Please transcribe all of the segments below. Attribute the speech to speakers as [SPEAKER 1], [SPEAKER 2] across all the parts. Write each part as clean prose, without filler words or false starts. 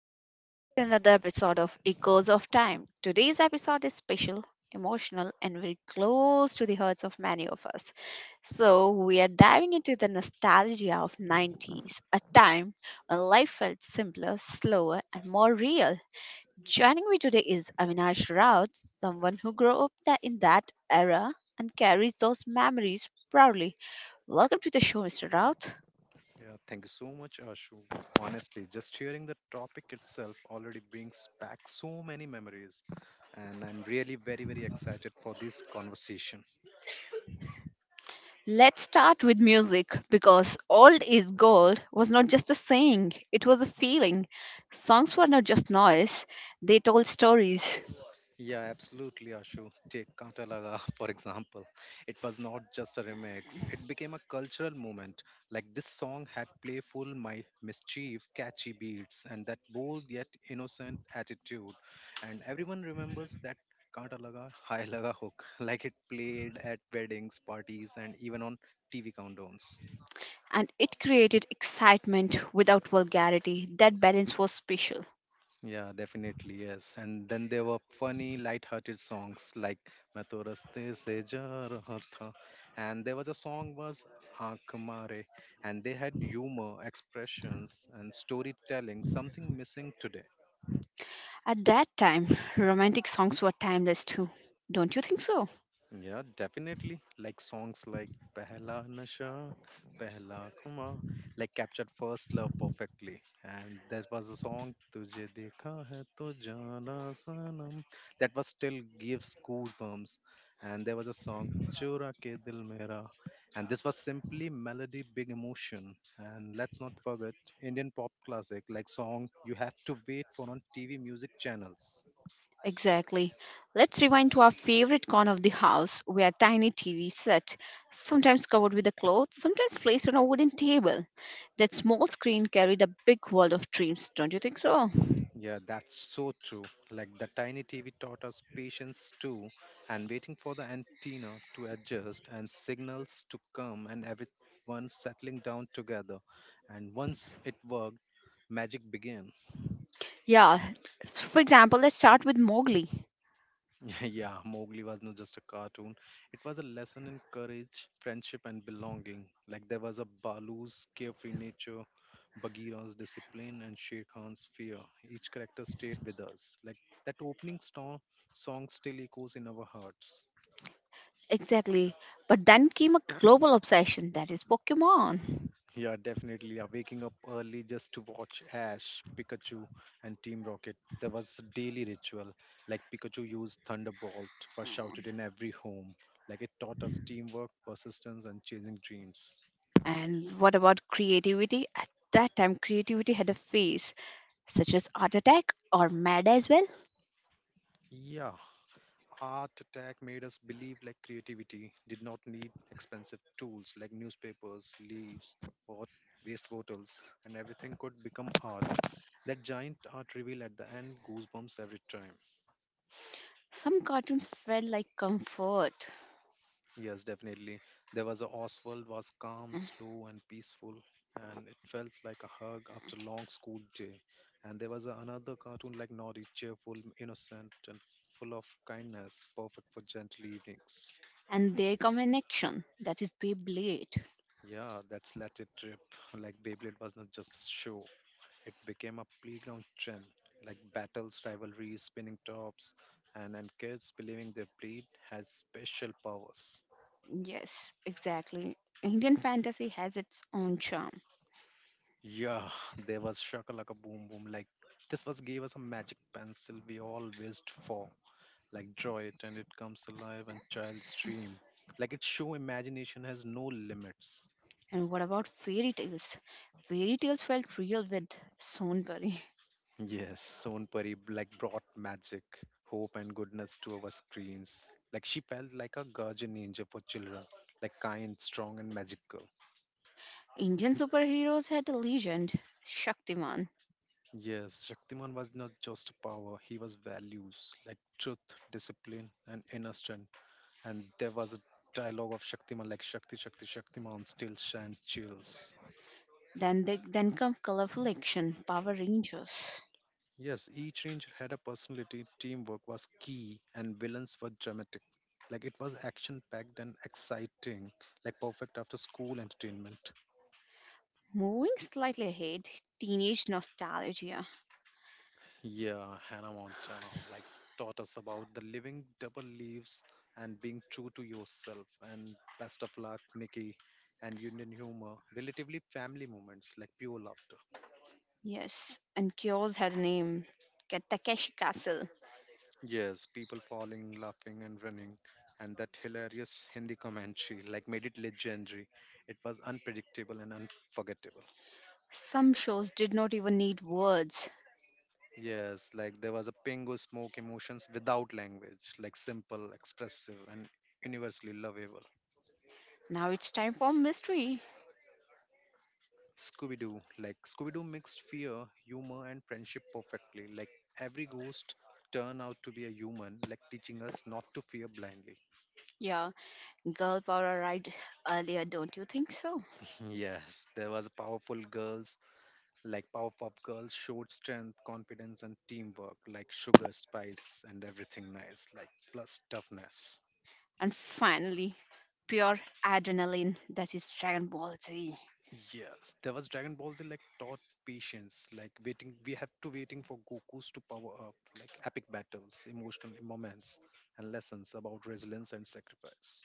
[SPEAKER 1] and welcome to another episode of Echoes of Time. Today's episode is special, emotional, and very close to the hearts of many of us. So, we are diving into the nostalgia of 90s, a time when life felt simpler, slower, and more real. Joining me today is Avinash Raut, someone who in that era and carries those memories proudly. Welcome to the show, Mr. Raut.
[SPEAKER 2] Yeah, thank you so much, Ashu. Honestly, just hearing the topic itself already brings back so many memories, and I'm really very, very excited for this conversation.
[SPEAKER 1] Let's start with music because Old is Gold was not just a saying, it was a feeling. Songs were not just noise, they told stories.
[SPEAKER 2] Yeah, absolutely, Ashu. Take Kaanta Laga, for example. It was not just a remix, it became a cultural movement. Like this song had playful, my mischief, catchy beats, and that bold yet innocent attitude. And everyone remembers that Kaanta Laga, High Laga hook, like it played at weddings, parties, and even on TV countdowns.
[SPEAKER 1] And it created excitement without vulgarity. That balance was special.
[SPEAKER 2] Yeah, definitely, yes. And then there were funny, light-hearted songs like "मैं तो रस्ते से जा रहा था," and there was a song was "आंख मारे," and they had humor, expressions, and storytelling, something missing today.
[SPEAKER 1] At that time, romantic songs were timeless too. Don't you think so?
[SPEAKER 2] Yeah, definitely. Like songs like Pehla Nasha, Pehla Khuma, like captured first love perfectly. And that was a song Tujhe Dekha Hai To Jana Sanam that was still gives goosebumps. And there was a song Chura Ke Dil Mera, and this was simply melody, big emotion. And let's not forget Indian pop classic like song you have to wait for on TV music channels.
[SPEAKER 1] Exactly. Let's rewind to our favorite corner of the house where tiny TV set, sometimes covered with a cloth, sometimes placed on a wooden table. That small screen carried a big world of dreams, don't you think so?
[SPEAKER 2] Yeah, that's so true. Like the tiny TV taught us patience too, and waiting for the antenna to adjust and signals to come, and everyone settling down together. And once it worked, magic began.
[SPEAKER 1] Yeah. So for example, let's start with Mowgli.
[SPEAKER 2] Yeah, Mowgli was not just a cartoon. It was a lesson in courage, friendship, and belonging. Like there was a Balu's carefree nature, Bagheera's discipline, and Shere Khan's fear. Each character stayed with us. Like that opening song, song still echoes in our hearts.
[SPEAKER 1] Exactly. But then came a global obsession, that is Pokemon.
[SPEAKER 2] Yeah, definitely. Yeah, waking up early just to watch Ash, Pikachu, and Team Rocket. There was a daily ritual. Like Pikachu used Thunderbolt, was shouted in every home. Like it taught us teamwork, persistence, and chasing dreams.
[SPEAKER 1] And what about creativity? At that time, creativity had a phase, such as Art Attack or Mad as well.
[SPEAKER 2] Yeah, Art Attack made us believe like creativity did not need expensive tools like newspapers, leaves, or waste bottles, and everything could become art. That giant art reveal at the end goosebumps every time.
[SPEAKER 1] Some cartoons felt like comfort.
[SPEAKER 2] Yes, definitely. There was a Oswald was calm, slow, and peaceful, and it felt like a hug after long school day. And there was another cartoon like Noddy, cheerful, innocent, and full of kindness, perfect for gentle evenings.
[SPEAKER 1] And there their action, that is Beyblade.
[SPEAKER 2] Yeah, that's Let It Rip. Like Beyblade was not just a show; it became a playground trend. Like battles, rivalries, spinning tops, and kids believing their blade has special powers.
[SPEAKER 1] Yes, exactly. Indian fantasy has its own charm.
[SPEAKER 2] Yeah, there was shakalaka boom boom. Like this was gave us a magic pencil we all wished for. Like draw it and it comes alive and child's dream. Like its show imagination has no limits.
[SPEAKER 1] And what about fairy tales? Fairy tales felt real with Sonburi.
[SPEAKER 2] Yes, Sonpari like brought magic, hope and goodness to our screens. Like she felt like a guardian angel for children, like kind, strong and magical.
[SPEAKER 1] Indian superheroes had a legend, Shaktiman.
[SPEAKER 2] Yes, Shaktiman was not just power, he was values like truth, discipline and inner strength and there was a dialogue of Shaktiman like Shakti, Shakti, Shaktiman, still and chills.
[SPEAKER 1] Then come colorful action, Power Rangers.
[SPEAKER 2] Yes, each ranger had a personality, teamwork was key, and villains were dramatic. Like it was action packed and exciting, like perfect after school entertainment.
[SPEAKER 1] Moving slightly ahead, teenage nostalgia.
[SPEAKER 2] Yeah, Hannah Montana like taught us about the living double leaves and being true to yourself. And best of luck, Nikki, and Union humor, relatively family moments like pure laughter.
[SPEAKER 1] Yes, and Cures had a name, Takeshi Castle.
[SPEAKER 2] Yes, people falling, laughing, and running. And that hilarious Hindi commentary, like, made it legendary. It was unpredictable and unforgettable.
[SPEAKER 1] Some shows did not even need words.
[SPEAKER 2] Yes, like, there was a Pingu smoke emotions without language, like, simple, expressive, and universally lovable.
[SPEAKER 1] Now it's time for mystery.
[SPEAKER 2] Scooby Doo, like, Scooby Doo mixed fear, humor, and friendship perfectly. Like, every ghost turned out to be a human, like, teaching us not to fear blindly.
[SPEAKER 1] Yeah, girl power arrived earlier, don't you think so?
[SPEAKER 2] Yes, there was powerful girls like Powerpuff Girls showed strength, confidence, and teamwork, like sugar, spice, and everything nice, like plus toughness.
[SPEAKER 1] And finally, pure adrenaline, that is Dragon Ball Z.
[SPEAKER 2] Yes, there was Dragon Ball Z like taught patience, like waiting. We have to waiting for Goku's to power up, like epic battles, emotional moments, and lessons about resilience and sacrifice.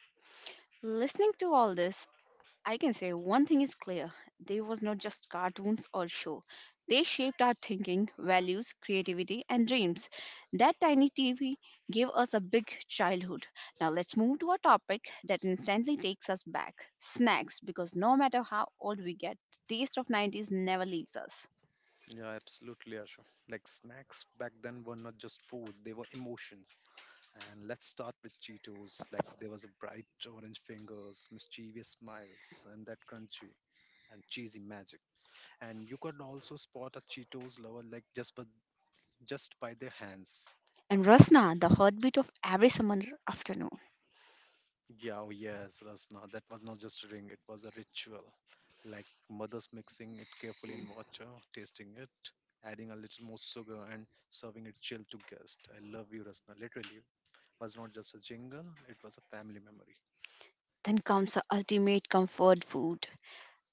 [SPEAKER 1] Listening to all this, I can say one thing is clear: they was not just cartoons or show. They shaped our thinking, values, creativity, and dreams. That tiny TV gave us a big childhood. Now let's move to a topic that instantly takes us back, snacks, because no matter how old we get, the taste of 90s never leaves us.
[SPEAKER 2] Yeah, absolutely, Ashu. Like snacks back then were not just food; they were emotions. And let's start with Cheetos. Like there was a bright orange fingers, mischievous smiles, and that crunchy and cheesy magic. And you could also spot a Cheetos lover like just by their hands.
[SPEAKER 1] And Rasna, the heartbeat of every summer afternoon.
[SPEAKER 2] Yeah, oh yes, Rasna. That was not just a ring, it was a ritual. Like mothers mixing it carefully in water, tasting it, adding a little more sugar and serving it chilled to guests. I love you, Rasna. Literally was not just a jingle, it was a family memory.
[SPEAKER 1] Then comes the ultimate comfort food,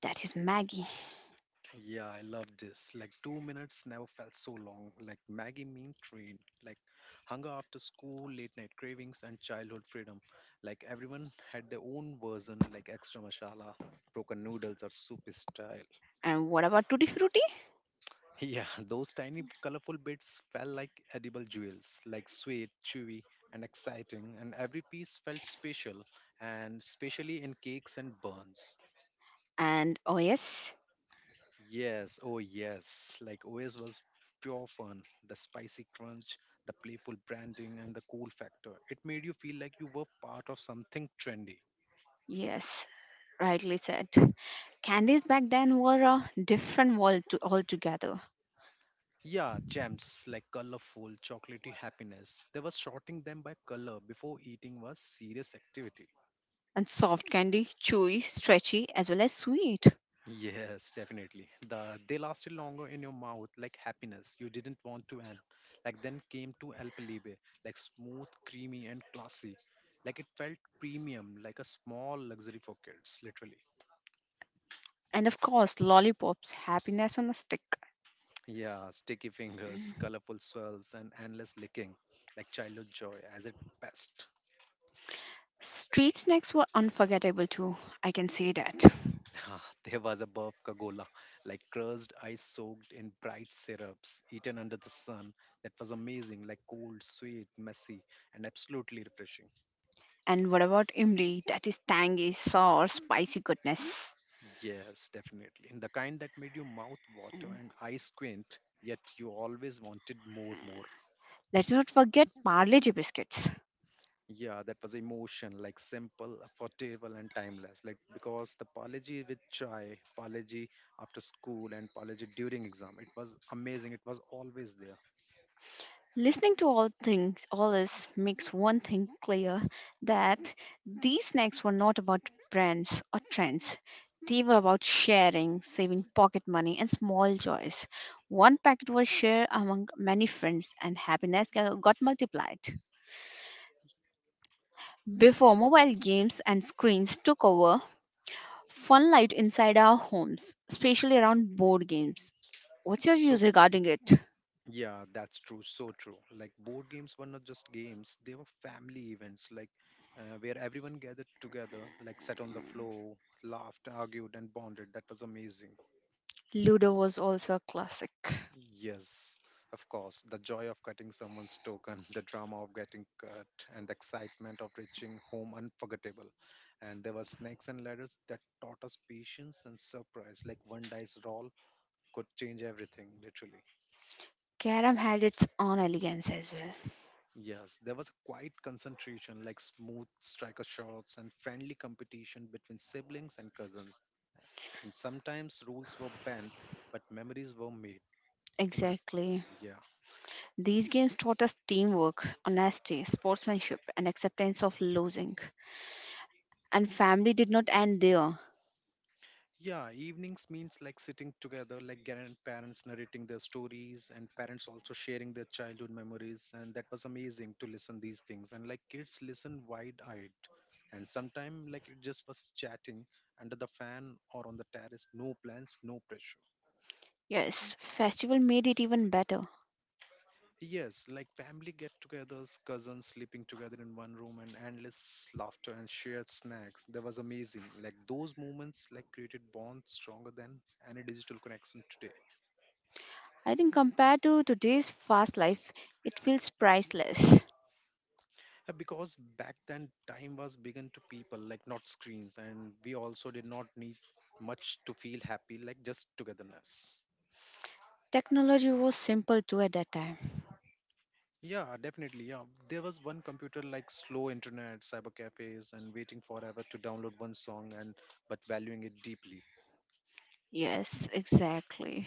[SPEAKER 1] that is Maggie.
[SPEAKER 2] Yeah, I love this. Like two minutes never felt so long. Like Maggie Mean Train. Like hunger after school, late night cravings, and childhood freedom. Like everyone had their own version, like extra masala, broken noodles, or soupy style.
[SPEAKER 1] And what about Tutti Frutti?
[SPEAKER 2] Yeah, those tiny colorful bits felt like edible jewels, like sweet, chewy, and exciting. And every piece felt special, and especially in cakes and buns.
[SPEAKER 1] And oh, yes,
[SPEAKER 2] Yes, oh yes. Like OS was pure fun. The spicy crunch, the playful branding, and the cool factor. It made you feel like you were part of something trendy.
[SPEAKER 1] yes. Rightly said. Candies back then were a different world to altogether.
[SPEAKER 2] Yeah, gems like colorful, chocolatey happiness. They were sorting them by color before eating was serious activity.
[SPEAKER 1] And soft candy, chewy, stretchy, as well as sweet.
[SPEAKER 2] Yes, definitely. They lasted longer in your mouth, like happiness you didn't want to end. Like then came to El Pelibe, like smooth, creamy, and classy. Like it felt premium, like a small luxury for kids, literally.
[SPEAKER 1] And of course, lollipops, happiness on a stick.
[SPEAKER 2] Yeah, sticky fingers,
[SPEAKER 1] Mm.
[SPEAKER 2] colorful swirls, and endless licking, like childhood joy as it best.
[SPEAKER 1] Street snacks were unforgettable too, I can say that.
[SPEAKER 2] Ah, there was a buff kagola, like crushed ice soaked in bright syrups, eaten under the sun. That was amazing, like cold, sweet, messy, and absolutely refreshing.
[SPEAKER 1] And what about imli? That is tangy, sour, spicy goodness.
[SPEAKER 2] Yes, definitely. And the kind that made your mouth water and eyes squint, yet you always wanted more, more.
[SPEAKER 1] Let's not forget Parle G biscuits.
[SPEAKER 2] Yeah, that was emotion, like simple, affordable, and timeless. Like because the apology with chai, apology after school, and apology during exam, it was amazing. It was always there.
[SPEAKER 1] Listening to all things, all this makes one thing clear, that these snacks were not about brands or trends. They were about sharing, saving pocket money, and small joys. One packet was shared among many friends, and got multiplied. Before mobile games and screens took over, fun light inside our homes, especially around board games. What's your views
[SPEAKER 2] So
[SPEAKER 1] regarding it?
[SPEAKER 2] Yeah, that's true. So true. Like board games were not just games, they were family events, like where everyone gathered together, like sat on the floor, laughed, argued, and bonded. That was amazing.
[SPEAKER 1] Ludo was also a classic.
[SPEAKER 2] Yes, of course. The joy of cutting someone's token, the drama of getting cut, and the excitement of reaching home unforgettable. And there were snakes and ladders that taught us patience and surprise. Like one dice roll could change everything, literally.
[SPEAKER 1] Carom had its own elegance as well.
[SPEAKER 2] Yes, there was a quiet concentration, like smooth striker shots and friendly competition between siblings and cousins. And sometimes rules were bent, but memories were made. Ex-
[SPEAKER 1] Exactly.
[SPEAKER 2] yeah.
[SPEAKER 1] These games taught us teamwork, honesty, sportsmanship, and acceptance of losing. And family did not end there.
[SPEAKER 2] Yeah, evenings means like sitting together, like grandparents narrating their stories and parents also sharing their childhood memories. And that was amazing to listen these things. And like kids listen wide-eyed. And sometimes like it just was chatting under the fan or on the terrace, no plans, no pressure.
[SPEAKER 1] Yes, festival made it even better.
[SPEAKER 2] Yes, like family get-togethers, cousins sleeping together in one room, and endless laughter and shared snacks. That was amazing. Like those moments, like created bonds stronger than any digital connection today.
[SPEAKER 1] I think compared to today's fast life, it feels priceless.
[SPEAKER 2] Because back then, time was given to people, like not screens, and we also did not need much to feel happy, like just togetherness.
[SPEAKER 1] Technology was simple too at that time.
[SPEAKER 2] Yeah, definitely. Yeah, there was one computer like slow internet, cyber cafes, and waiting forever to download one song, and but valuing it deeply.
[SPEAKER 1] Yes, exactly.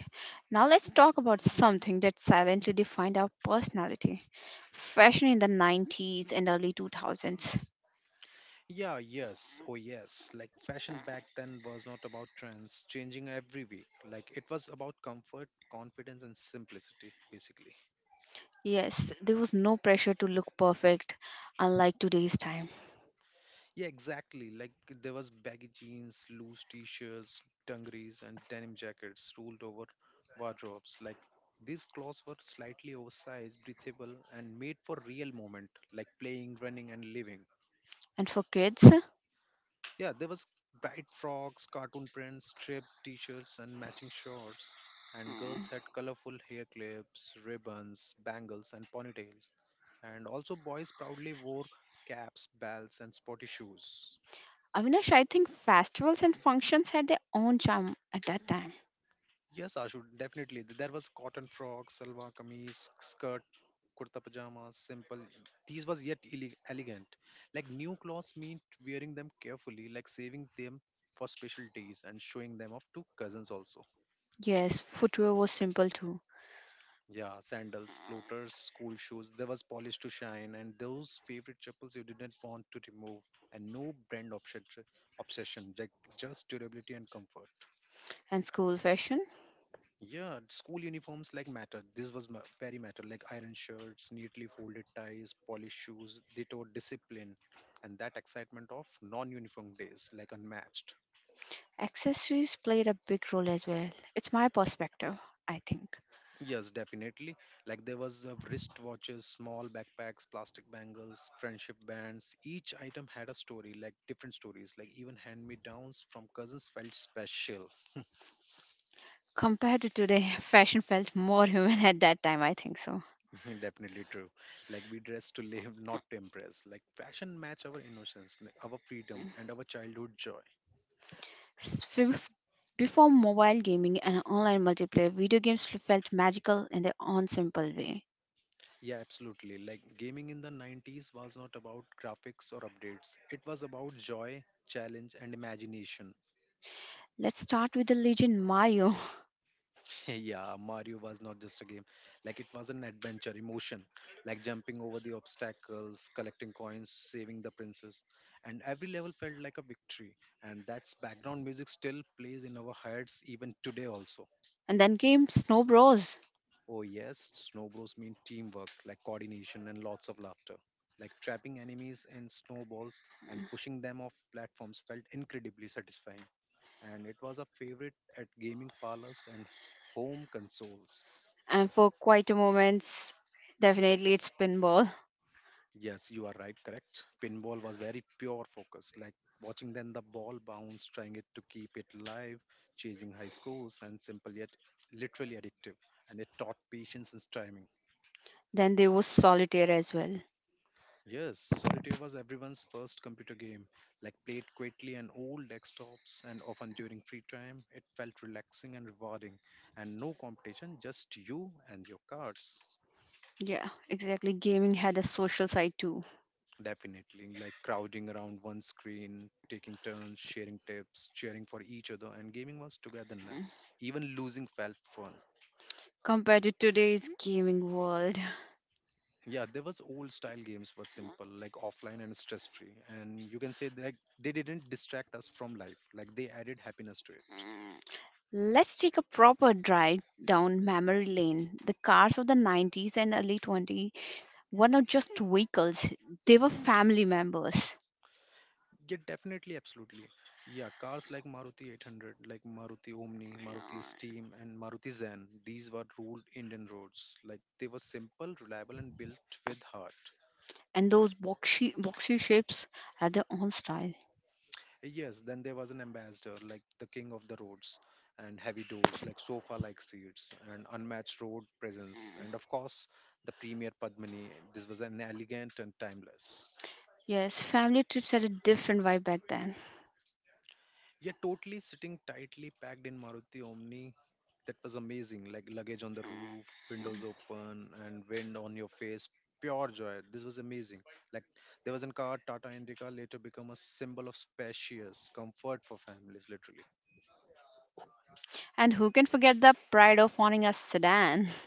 [SPEAKER 1] Now let's talk about something that silently defined our personality, fashion in the 90s and early 2000s.
[SPEAKER 2] Yeah, yes, oh yes. Like fashion back then was not about trends changing every week. Like it was about comfort, confidence, and simplicity, basically.
[SPEAKER 1] Yes, there was no pressure to look perfect, unlike today's time.
[SPEAKER 2] Yeah, exactly. Like there was baggy jeans, loose t-shirts, dungarees, and denim jackets ruled over wardrobes. Like these clothes were slightly oversized, breathable, and made for real moment, like playing, running, and living.
[SPEAKER 1] And for kids,
[SPEAKER 2] Yeah, there was bright frocks, cartoon prints, striped t-shirts and matching shorts, and girls
[SPEAKER 1] mm,
[SPEAKER 2] had colorful hair clips, ribbons, bangles and ponytails. And also boys proudly wore caps, belts and sporty shoes.
[SPEAKER 1] Avinash, I think festivals and functions had their own charm at that time.
[SPEAKER 2] Yes, Ashu, definitely. There was cotton frock, salwar kameez, skirt, kurta pajamas, simple. These was yet elegant. Like new clothes meant wearing them carefully, like saving them for special days and showing them off to cousins also.
[SPEAKER 1] Yes, footwear was simple too,
[SPEAKER 2] Yeah, sandals, floaters, school shoes. There was polish to shine, and those favorite chapels you didn't want to remove, and no brand obsession, like just durability and comfort.
[SPEAKER 1] and school fashion.
[SPEAKER 2] Yeah, school uniforms like matter. This was very matter, like iron shirts, neatly folded ties, polished shoes. They taught discipline, and that excitement of non-uniform days, like unmatched.
[SPEAKER 1] Accessories played a big role as well. It's my perspective, I think.
[SPEAKER 2] Yes, definitely. Like there was wristwatches, small backpacks, plastic bangles, friendship bands. Each item had a story, like different stories. Like even hand-me-downs from cousins felt special.
[SPEAKER 1] Compared to today, fashion felt more human at that time, I think so.
[SPEAKER 2] Definitely true. Like we dress to live, not to impress. Like fashion match our innocence, like, our freedom, and our childhood joy.
[SPEAKER 1] S- f- Before mobile gaming and online multiplayer, video games felt magical in their own simple way.
[SPEAKER 2] Yeah, absolutely. Like gaming in the 90s was not about graphics or updates. It was about joy, challenge, and imagination.
[SPEAKER 1] Let's start with the legend Mario.
[SPEAKER 2] Yeah, Mario was not just a game. Like it was an adventure, emotion, like jumping over the obstacles, collecting coins, saving the princess, and every level felt like a victory. And that's background music still plays in our heads even today also.
[SPEAKER 1] And then came Snow Bros.
[SPEAKER 2] Oh yes, Snow Bros mean teamwork, like coordination and lots of laughter. Like trapping enemies in snowballs and pushing them off platforms felt incredibly satisfying. And it was a favorite at gaming parlors and home consoles.
[SPEAKER 1] And for quite a moments, definitely it's pinball.
[SPEAKER 2] Yes, you are right, correct. Pinball was very pure focus, like watching then the ball bounce, trying it to keep it live, chasing high scores, and simple yet literally addictive. And it taught patience and timing.
[SPEAKER 1] Then there was solitaire as well.
[SPEAKER 2] Yes, Solitaire was everyone's first computer game, like played quietly on old desktops and often during free time. It felt relaxing and rewarding, and no competition, just you and your cards.
[SPEAKER 1] Yeah, exactly. Gaming had a social side too,
[SPEAKER 2] Definitely, like crowding around one screen, taking turns, sharing tips, cheering for each other, and gaming was togetherness. Even losing felt fun.
[SPEAKER 1] compared to today's gaming world.
[SPEAKER 2] Yeah, there was old style games were simple, like offline and stress free, and you can say that like, they didn't distract us from life. Like they added happiness to it.
[SPEAKER 1] Let's take a proper drive down memory lane. The cars of the 90s and early 20s were not just vehicles, they were family members.
[SPEAKER 2] Yeah, definitely, absolutely. Yeah, cars like Maruti 800, like Maruti Omni, Maruti Steam, and Maruti Zen. These were ruled Indian roads. Like they were simple, reliable, and built with heart.
[SPEAKER 1] And those boxy, boxy shapes had their own style.
[SPEAKER 2] Yes, then there was an ambassador, like the king of the roads, and heavy doors, like sofa-like seats, and unmatched road presence, and of course, the premier Padmini. This was an elegant and timeless.
[SPEAKER 1] Yes, family trips had a different vibe back then.
[SPEAKER 2] Yeah, totally sitting tightly packed in Maruti Omni, that was amazing. Like luggage on the roof, windows open, and wind on your face. Pure joy. This was amazing. Like there was a car, Tata Indica, later become a symbol of spacious comfort for families, literally.
[SPEAKER 1] And who can forget the pride of owning a sedan?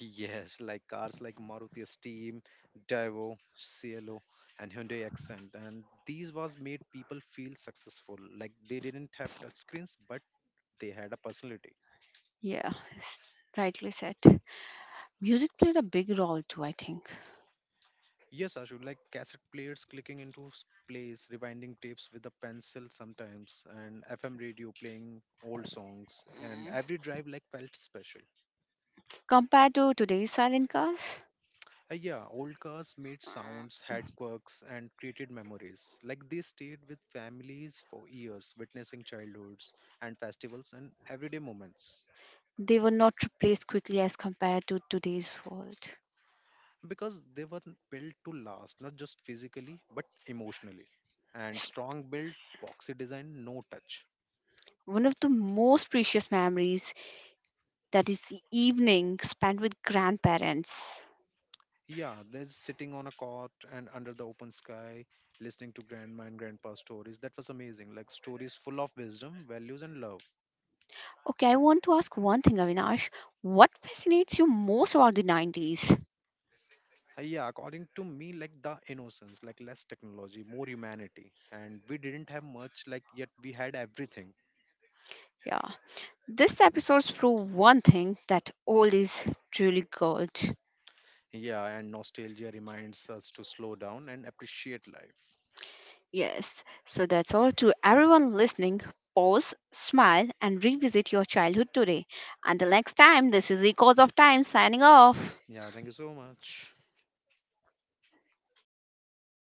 [SPEAKER 2] Yes, like cars like Maruti Steam, Daivo, Cielo, and Hyundai Accent. And these was made people feel successful. Like they didn't have touchscreens, but they had a personality.
[SPEAKER 1] Yeah, it's rightly said. Music played a big role too, I think.
[SPEAKER 2] Yes, Ashu, like cassette players clicking into plays, rewinding tapes with a pencil sometimes, and FM radio playing old songs, and every drive like felt special.
[SPEAKER 1] Compared to today's silent cars,
[SPEAKER 2] Yeah, old cars made sounds, had quirks, and created memories. Like they stayed with families for years, witnessing childhoods and festivals and everyday moments.
[SPEAKER 1] they were not replaced quickly as compared to today's world.
[SPEAKER 2] Because they were built to last, not just physically, but emotionally. And strong build, boxy design, no touch.
[SPEAKER 1] One of the most precious memories, that is evening spent with grandparents.
[SPEAKER 2] Yeah, there's sitting on a cot and under the open sky, listening to grandma and grandpa stories. That was amazing. Like stories full of wisdom, values, and love.
[SPEAKER 1] Okay, I want to ask one thing, Avinash. What fascinates you most about the 90s?
[SPEAKER 2] Yeah, according to me, like the innocence, like less technology, more humanity, and we didn't have much, like yet we had everything.
[SPEAKER 1] Yeah. This episode's prove one thing, that old is truly gold.
[SPEAKER 2] Yeah, and nostalgia reminds us to slow down and appreciate life.
[SPEAKER 1] Yes. So that's all to everyone listening. Pause, smile, and revisit your childhood today. Until next time, this is Echoes of Time signing off.
[SPEAKER 2] Yeah, thank you so much.